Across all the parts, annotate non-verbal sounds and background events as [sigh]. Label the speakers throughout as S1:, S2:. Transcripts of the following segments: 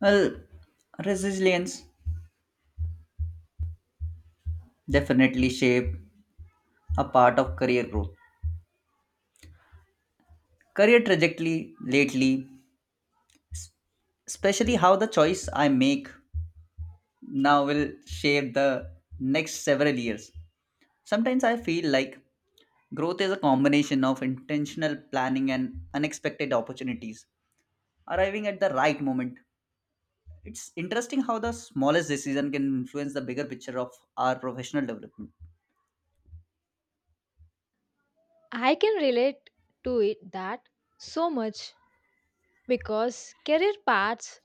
S1: Well, resilience definitely shape a part of career growth. Career trajectory lately, especially how the choice I make now will shape the next several years. Sometimes I feel like growth is a combination of intentional planning and unexpected opportunities arriving at the right moment. It's interesting how the smallest decision can influence the bigger picture of our professional development.
S2: I can relate to it that so much because career paths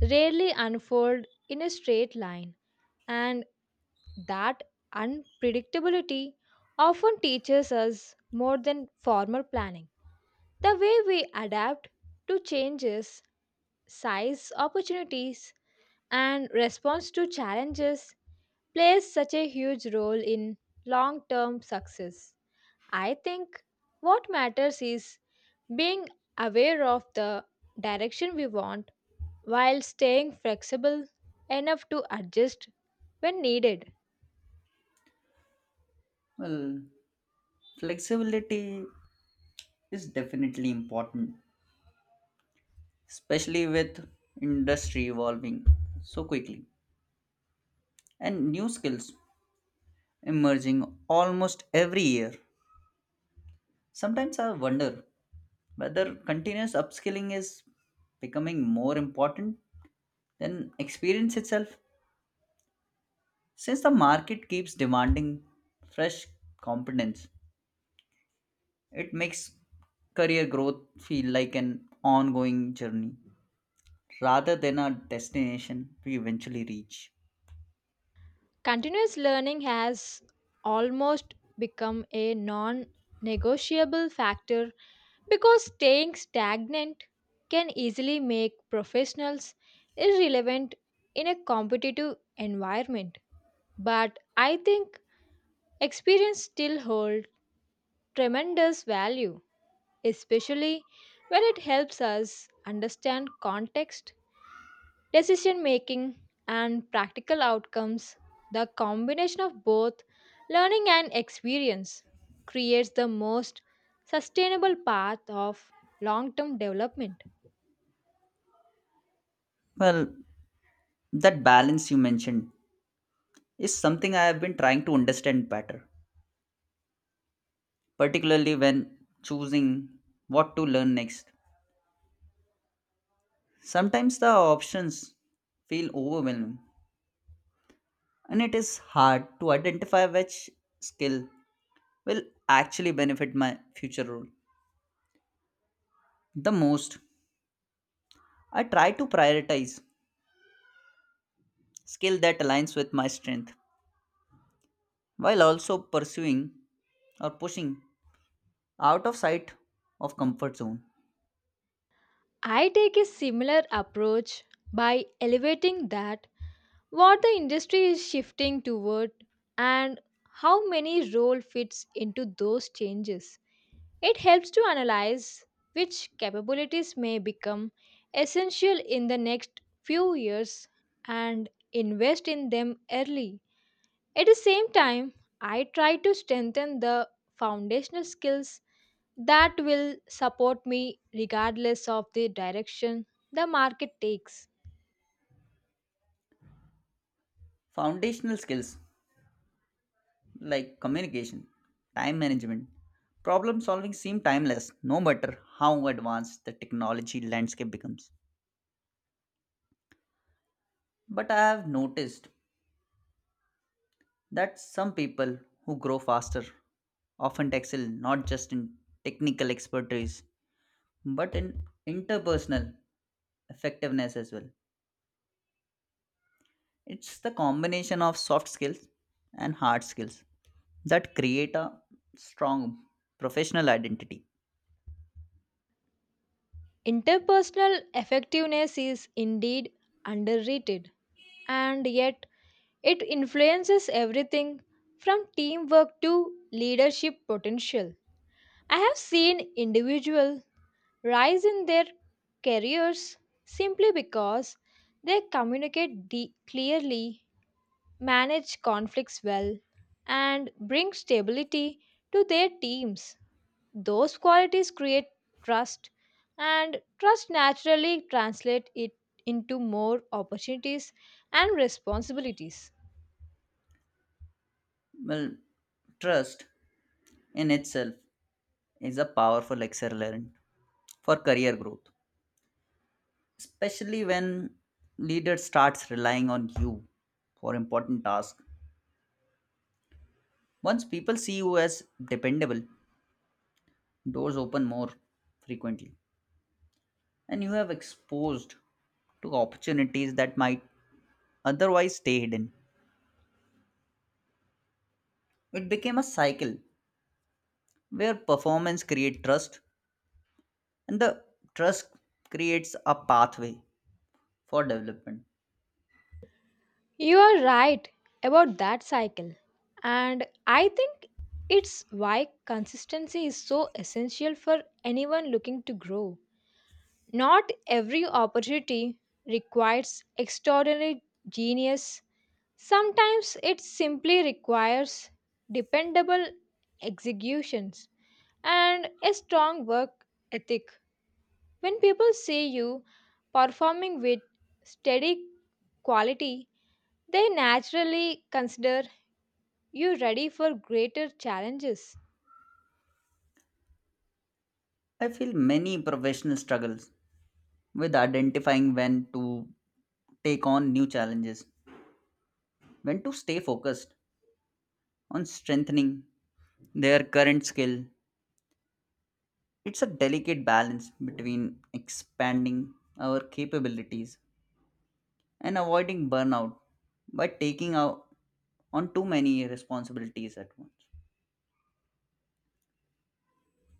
S2: rarely unfold in a straight line, and that unpredictability often teaches us more than formal planning. The way we adapt to changes, size, opportunities, and response to challenges plays such a huge role in long term success. I think what matters is being aware of the direction we want while staying flexible enough to adjust when needed.
S1: Well, flexibility is definitely important, especially with industry evolving so quickly and new skills emerging almost every year. Sometimes I wonder whether continuous upskilling is becoming more important than experience itself. Since the market keeps demanding fresh competence, it makes career growth feel like an ongoing journey rather than a destination we eventually reach.
S2: Continuous learning has almost become a non negotiable factor because staying stagnant can easily make professionals irrelevant in a competitive environment. But I think experience still holds tremendous value, especially when it helps us understand context, decision making, and practical outcomes. The combination of both learning and experience creates the most sustainable path of long term development.
S1: Well, that balance you mentioned is something I have been trying to understand better, particularly when choosing what to learn next. Sometimes the options feel overwhelming, and it is hard to identify which skill will actually benefit my future role the most. I try to prioritize skill that aligns with my strength while also pursuing or pushing out of sight of comfort zone
S2: I take a similar approach by elevating that what the industry is shifting toward and how many role fits into those changes. It helps to analyze which capabilities may become essential in the next few years and invest in them early. At the same time, I try to strengthen the foundational skills that will support me regardless of the direction the market takes.
S1: foundational skills like communication, time management, problem solving seem timeless no matter how advanced the technology landscape becomes. But I have noticed that some people who grow faster often excel not just in technical expertise but in interpersonal effectiveness as well. It's the combination of soft skills and hard skills that create a strong professional identity.
S2: Interpersonal effectiveness is indeed underrated, and yet it influences everything from teamwork to leadership potential. I have seen individuals rise in their careers simply because they clearly, manage conflicts well, and bring stability to their teams. Those qualities create trust, and trust naturally translates it into more opportunities and responsibilities.
S1: Well, trust in itself is a powerful accelerant for career growth, especially when leader starts relying on you for important tasks. Once people see you as dependable, doors open more frequently, and you have exposed to opportunities that might otherwise stay hidden. It became a cycle where performance creates trust and the trust creates a pathway for development.
S2: You are right about that cycle. And I think it's why consistency is so essential for anyone looking to grow. Not every opportunity requires extraordinary genius. Sometimes it simply requires dependable executions and a strong work ethic. When people see you performing with steady quality, they naturally consider you ready for greater challenges.
S1: I feel many professionals struggles with identifying when to take on new challenges, when to stay focused on strengthening their current skill. It's a delicate balance between expanding our capabilities and avoiding burnout by taking out on too many responsibilities at once.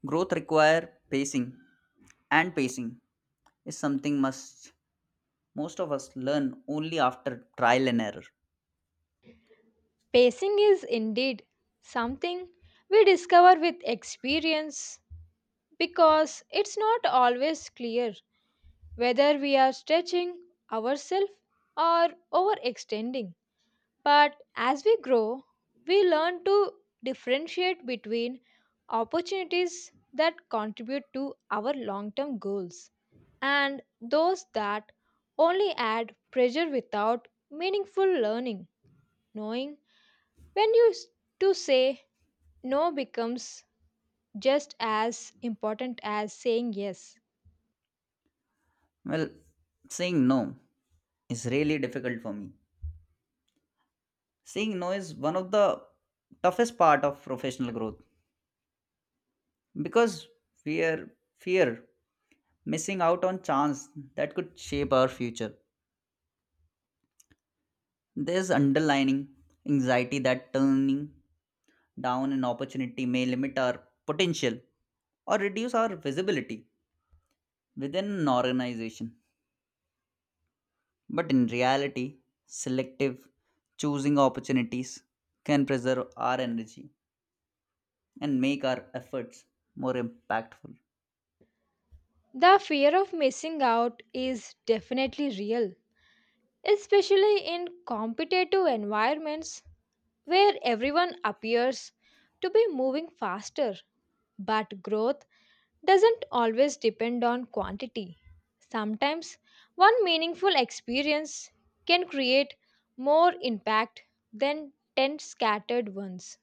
S1: Growth require pacing and pacing is something must most of us learn only after trial and error.
S2: Pacing is indeed something we discover with experience because it's not always clear whether we are stretching ourselves or overextending. But as we grow, we learn to differentiate between opportunities that contribute to our long term goals and those that only add pressure without meaningful learning. Knowing when you s- to say no becomes just as important as saying yes.
S1: Well, saying no is really difficult for me. Saying no is one of the toughest part of professional growth because fear fear missing out on chance that could shape our future. There's underlining anxiety that turning down an opportunity may limit our potential or reduce our visibility within an organization. But in reality, selective choosing opportunities can preserve our energy and make our efforts more impactful.
S2: The fear of missing out is definitely real, especially in competitive environments where everyone appears to be moving faster, but growth doesn't always depend on quantity. Sometimes one meaningful experience can create more impact than 10 scattered ones.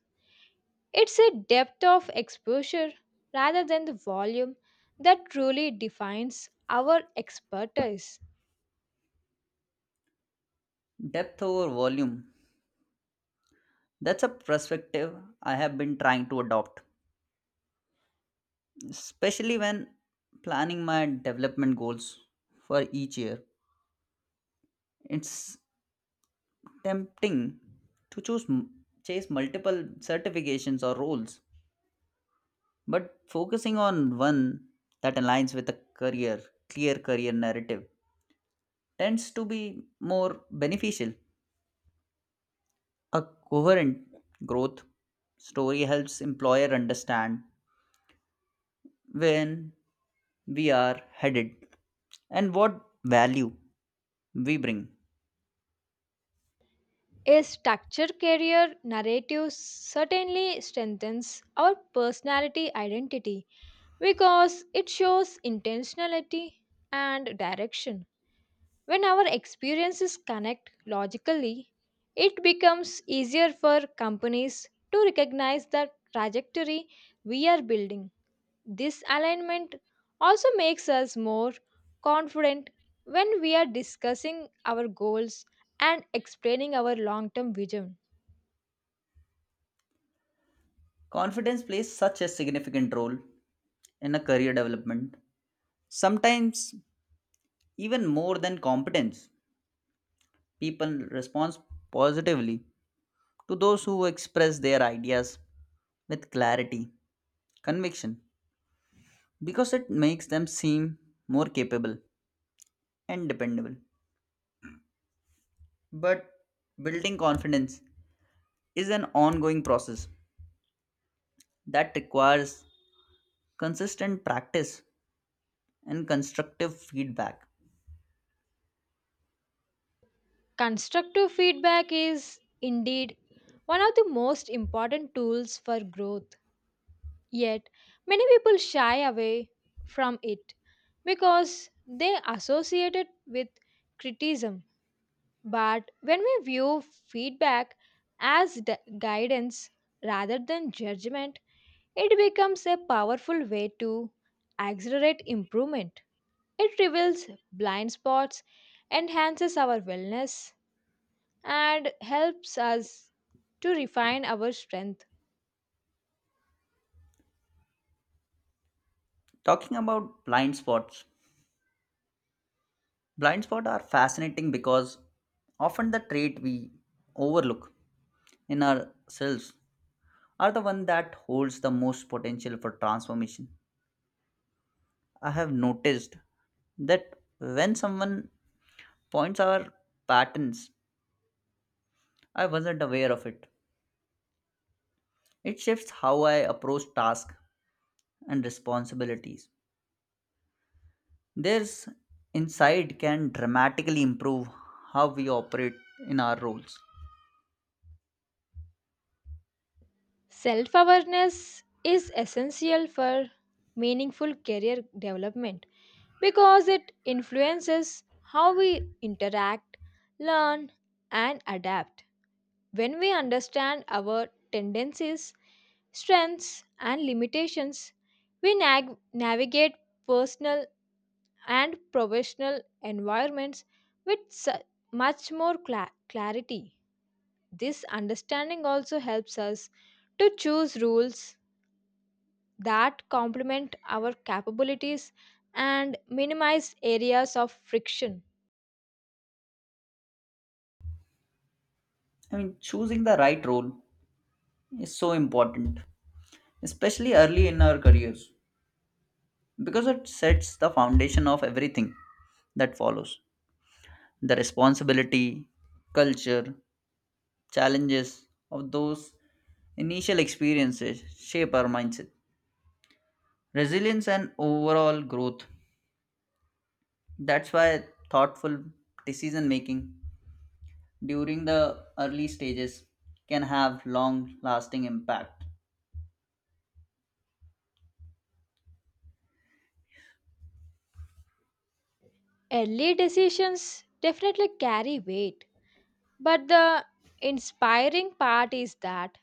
S2: It's a depth of exposure rather than the volume that truly defines our expertise.
S1: Depth over volume. That's a perspective I have been trying to adopt, especially when planning my development goals for each year. It's tempting to chase multiple certifications or roles, but focusing on one that aligns with a career, clear career narrative tends to be more beneficial. A coherent growth story helps employer understand when we are headed and what value we bring.
S2: A structured career narrative certainly strengthens our personality identity because it shows intentionality and direction. When our experiences connect logically, it becomes easier for companies to recognize the trajectory we are building. This alignment also makes us more confident when we are discussing our goals and explaining our long term vision.
S1: Confidence plays such a significant role in a career development. Sometimes even more than competence. People respond positively to those who express their ideas with clarity, conviction because it makes them seem more capable and dependable. But building confidence is an ongoing process that requires consistent practice and constructive feedback.
S2: Constructive feedback is indeed one of the most important tools for growth. Yet, many people shy away from it because they associate it with criticism. But when we view feedback as guidance rather than judgment, it becomes a powerful way to accelerate improvement. It reveals blind spots, enhances our wellness, and helps us to refine our strength.
S1: Talking about blind spots are fascinating because often the trait we overlook in ourselves are the one that holds the most potential for transformation. I have noticed that when someone points our patterns, I wasn't aware of it. It shifts how I approach tasks and responsibilities. This insight can dramatically improve how we operate in our roles.
S2: Self awareness is essential for meaningful career development because it influences how we interact, learn, and adapt. When we understand our tendencies, strengths, and limitations, we navigate personal and professional environments with much more clarity. This understanding also helps us to choose rules that complement our capabilities and minimize areas of friction.
S1: I mean, choosing the right role is so important, especially early in our careers, because it sets the foundation of everything that follows, the responsibility, culture, challenges of those initial experiences shape our mindset, resilience, and overall growth. That's why thoughtful decision making during the early stages can have long lasting impact.
S2: Early decisions definitely carry weight, but the inspiring part is that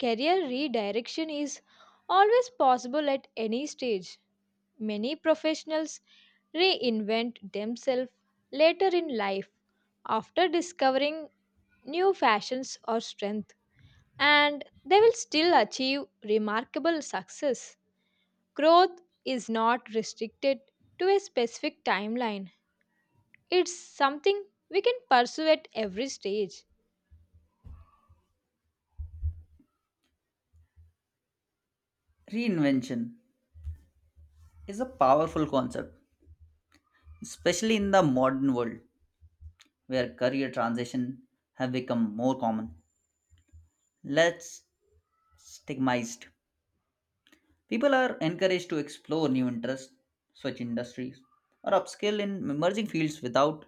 S2: career redirection is always possible at any stage. Many professionals reinvent themselves later in life after discovering new fashions or strength, and they will still achieve remarkable success. Growth is not restricted to a specific timeline, it's something we can pursue at every stage.
S1: Reinvention is a powerful concept, especially in the modern world where career transition have become more common. Let's stigmatized. People are encouraged to explore new interests, switch industries, or upskill in emerging fields without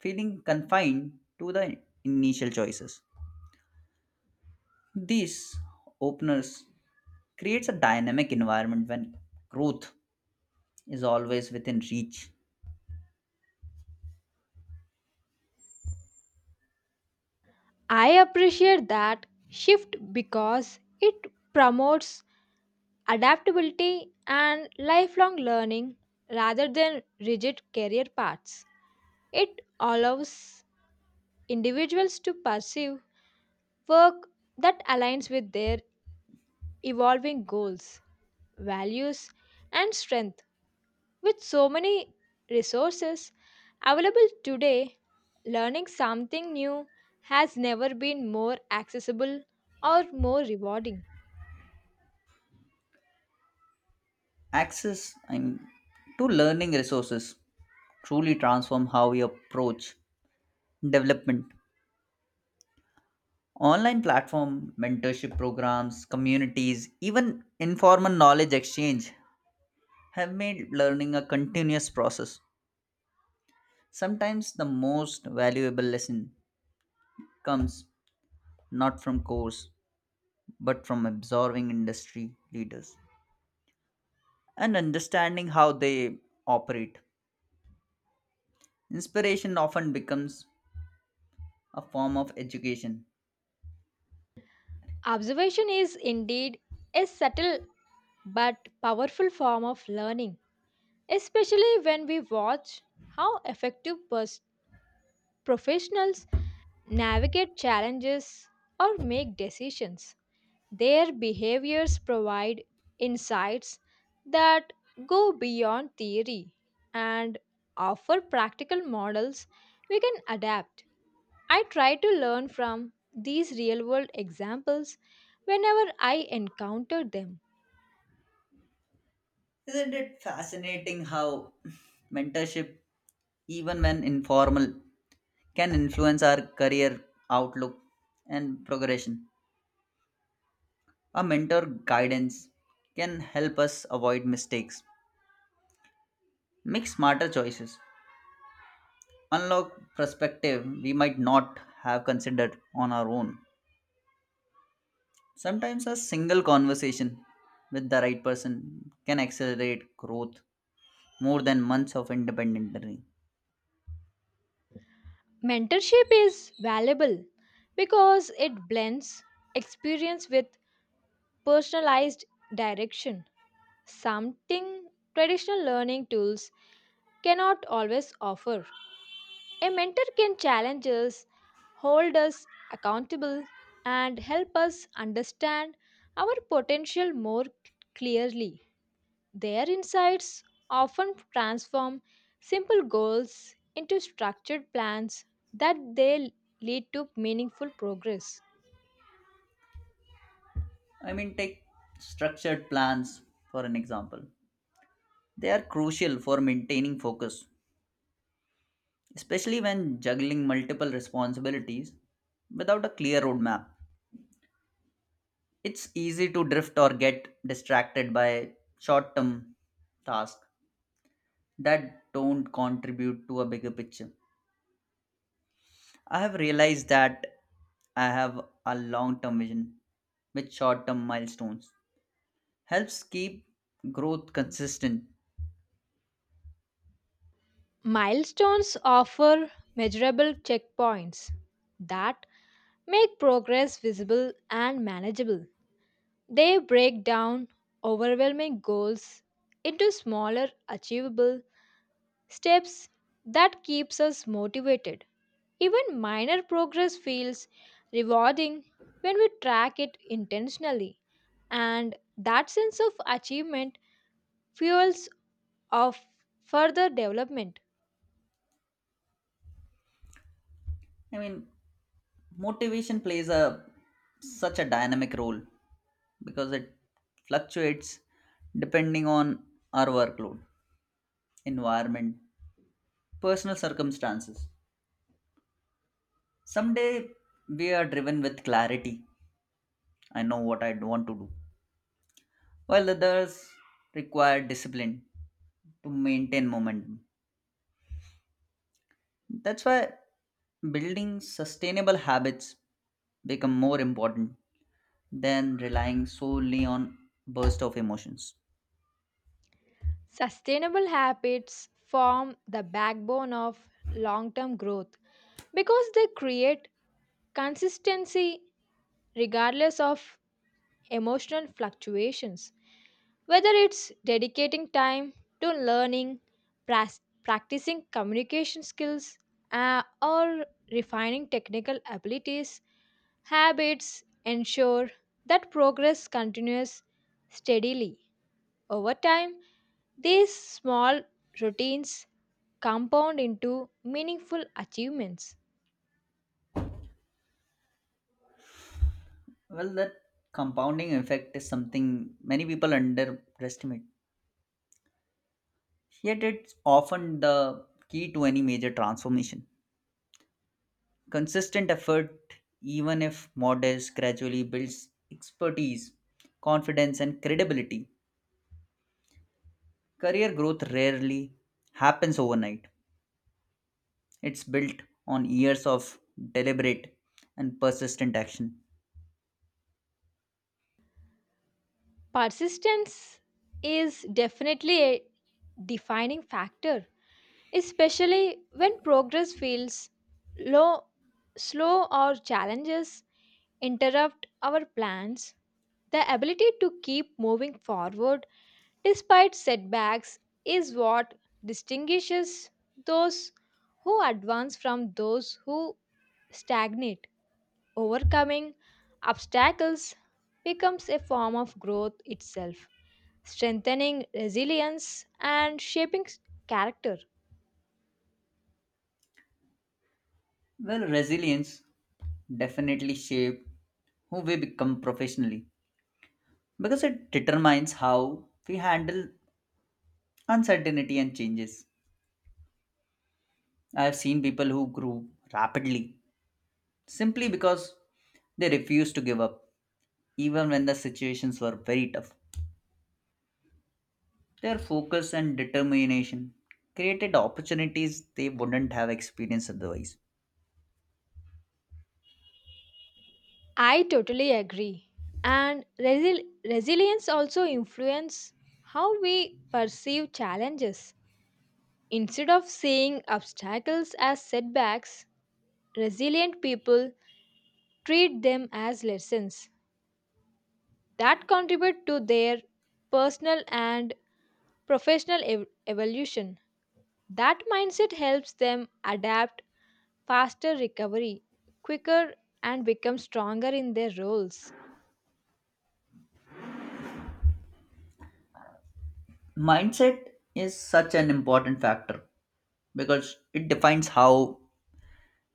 S1: feeling confined to the initial choices. These openers creates a dynamic environment when growth is always within reach.
S2: I appreciate that shift because it promotes adaptability and lifelong learning rather than rigid career paths. It allows individuals to pursue work that aligns with their evolving goals, values, and strength. With so many resources available today, learning something new has never been more accessible or more rewarding.
S1: Access and to learning resources truly transform how we approach development. Online platform, mentorship programs, communities, even informal knowledge exchange have made learning a continuous process. Sometimes the most valuable lesson comes not from course but from absorbing industry leaders and understanding how they operate. Inspiration often becomes a form of education.
S2: Observation is indeed a subtle but powerful form of learning, especially when we watch how professionals navigate challenges or make decisions. Their behaviors provide insights that go beyond theory and offer practical models we can adapt. I try to learn from these real world examples whenever I encounter them.
S1: Isn't it fascinating how [laughs] mentorship, even when informal, can influence our career outlook and progression? A mentor guidance can help us avoid mistakes, make smarter choices, unlock perspective we might not have considered on our own. Sometimes a single conversation with the right person can accelerate growth more than months of independent learning.
S2: Mentorship is valuable because it blends experience with personalized direction, something traditional learning tools cannot always offer. A mentor can challenge us, hold us accountable, and help us understand our potential more clearly. Their insights often transform simple goals into structured plans that they lead to meaningful progress.
S1: I mean, take structured plans for an example. They are crucial for maintaining focus, especially when juggling multiple responsibilities without a clear roadmap. It's easy to drift or get distracted by short term tasks that don't contribute to a bigger picture. I have realized that I have a long term vision with short term milestones helps keep growth consistent.
S2: Milestones offer measurable checkpoints that make progress visible and manageable. They break down overwhelming goals into smaller, achievable steps that keeps us motivated. Even minor progress feels rewarding when we track it intentionally, and that sense of achievement fuels of further development.
S1: I mean, motivation plays a such a dynamic role because it fluctuates depending on our workload, environment, personal circumstances. Someday we are driven with clarity. I know what I want to do. While others require discipline to maintain momentum. That's why building sustainable habits become more important than relying solely on bursts of emotions.
S2: Sustainable habits form the backbone of long-term growth because they create consistency regardless of emotional fluctuations. Whether it's dedicating time to learning, practicing communication skills, or refining technical abilities, habits ensure that progress continues steadily. Over time, these small routines compound into meaningful achievements.
S1: Well, that compounding effect is something many people underestimate. Yet it's often the key to any major transformation. Consistent effort, even if modest, gradually builds expertise, confidence, and credibility. Career growth rarely happens overnight. It's built on years of deliberate and persistent action.
S2: Persistence is definitely a defining factor, especially when progress feels low, slow or challenges interrupt our plans. The ability to keep moving forward despite setbacks is what distinguishes those who advance from those who stagnate. Overcoming obstacles becomes a form of growth itself, strengthening resilience and shaping character.
S1: Well, resilience definitely shapes who we become professionally because it determines how we handle uncertainty and changes. I have seen people who grew rapidly simply because they refused to give up, even when the situations were very tough. Their focus and determination created opportunities they wouldn't have experienced otherwise.
S2: I totally agree. And resilience also influence how we perceive challenges. Instead of seeing obstacles as setbacks, resilient people treat them as lessons that contribute to their personal and evolution. That mindset helps them adapt faster recovery, quicker and become stronger in their roles.
S1: Mindset is such an important factor because it defines how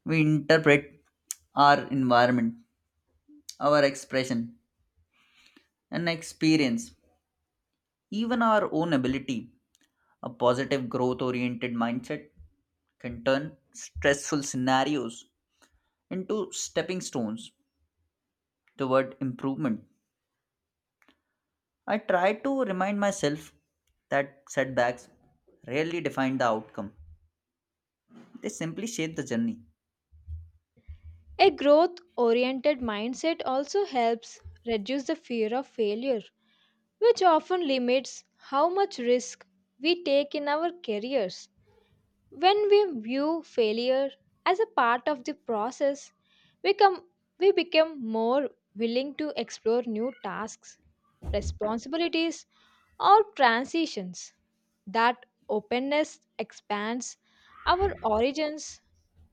S1: we interpret our environment, our expression and experience, even our own ability. A positive growth oriented mindset can turn stressful scenarios into stepping stones toward improvement. I try to remind myself that setbacks rarely define the outcome. They simply shape the journey.
S2: A growth oriented mindset also helps reduce the fear of failure, which often limits how much risk we take in our careers. When we view failure as a part of the process, we, come, we become more willing to explore new tasks, responsibilities, or transitions. That openness expands our origins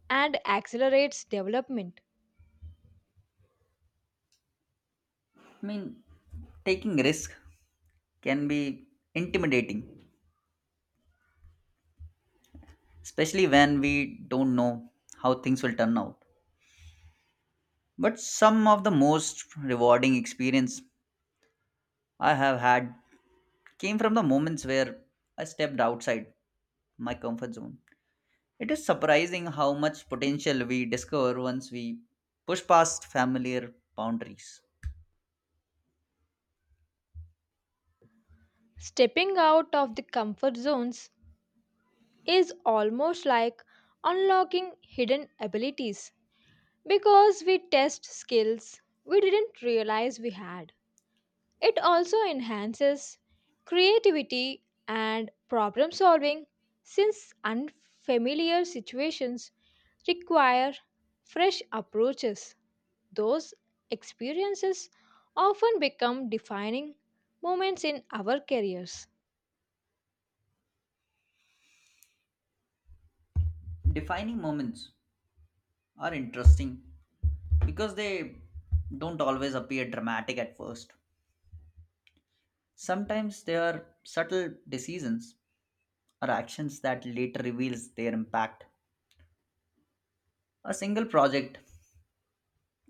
S2: and accelerates development.
S1: I mean, taking risk can be intimidating, especially when we don't know how things will turn out. But some of the most rewarding experience I have had came from the moments where I stepped outside my comfort zone. It is surprising how much potential we discover once we push past familiar boundaries.
S2: Stepping out of the comfort zones is almost like unlocking hidden abilities because we test skills we didn't realize we had. It also enhances creativity and problem solving since unfamiliar situations require fresh approaches. Those experiences often become defining moments in our careers.
S1: Defining moments are interesting because they don't always appear dramatic at first. Sometimes they are subtle decisions or actions that later reveals their impact. A single project,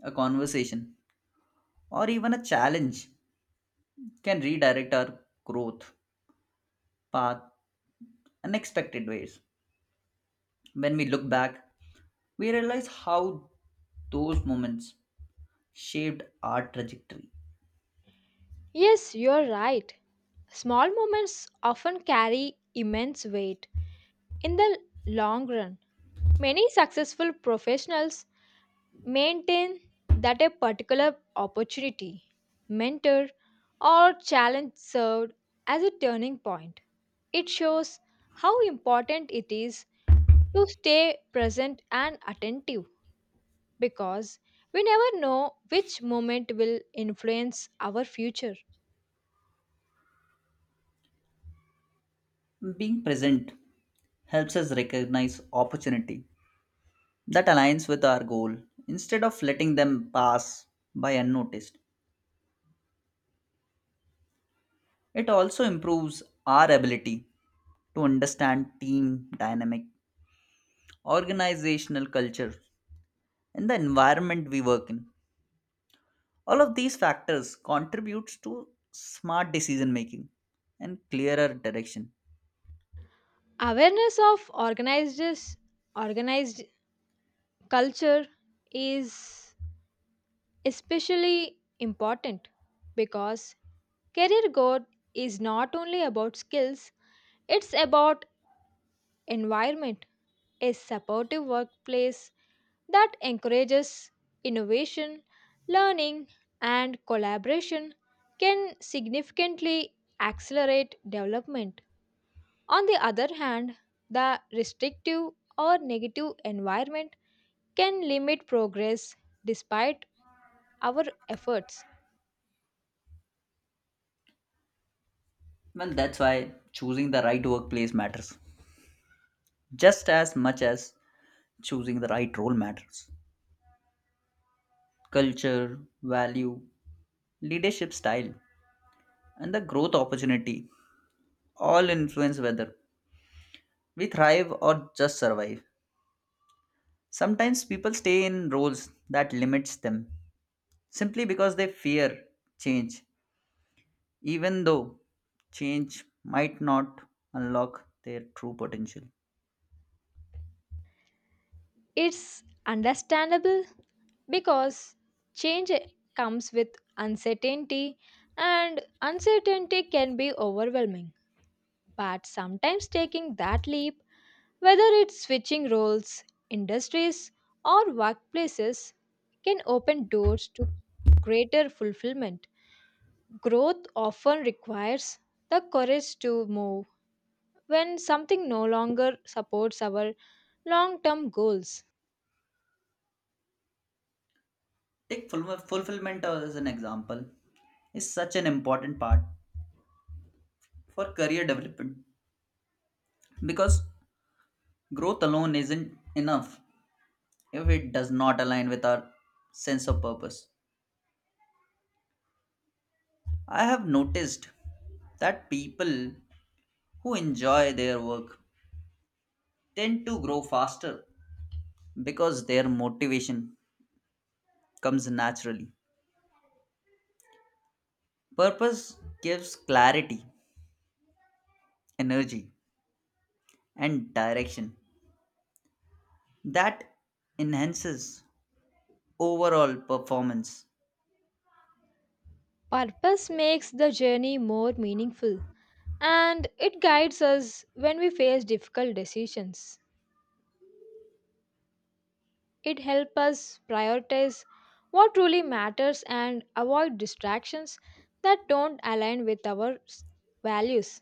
S1: a conversation, or even a challenge can redirect our growth path unexpected ways. When we look back, we realize how those moments shaped our trajectory.
S2: Yes, you're right. Small moments often carry immense weight. In the long run, many successful professionals maintain that a particular opportunity, mentor, or challenge served as a turning point. It shows how important it is to stay present and attentive because we never know which moment will influence our future.
S1: Being present helps us recognize opportunity that aligns with our goal instead of letting them pass by unnoticed. It also improves our ability to understand team dynamic, organizational culture, and the environment we work in. All of these factors contributes to smart decision making and clearer direction.
S2: Awareness of organized culture is especially important because career growth is not only about skills, it's about environment. A supportive workplace that encourages innovation, learning, and collaboration can significantly accelerate development. On the other hand, the restrictive or negative environment can limit progress despite our efforts.
S1: Well, that's why choosing the right workplace matters just as much as choosing the right role matters. Culture, value, leadership style, and the growth opportunity all influence whether we thrive or just survive. Sometimes people stay in roles that limits them simply because they fear change, even though change might not unlock their true potential.
S2: It's understandable because change comes with uncertainty, and uncertainty can be overwhelming. But sometimes taking that leap, whether it's switching roles, industries, or workplaces, can open doors to greater fulfillment. Growth often requires the courage to move when something no longer supports our long term goals.
S1: Take fulfillment as an example is such an important part for career development because growth alone isn't enough if it does not align with our sense of purpose. I have noticed that people who enjoy their work tend to grow faster because their motivation comes naturally. Purpose gives clarity, energy, and direction that enhances overall performance.
S2: Purpose makes the journey more meaningful and it guides us when we face difficult decisions. It helps us prioritize what truly matters and avoid distractions that don't align with our values.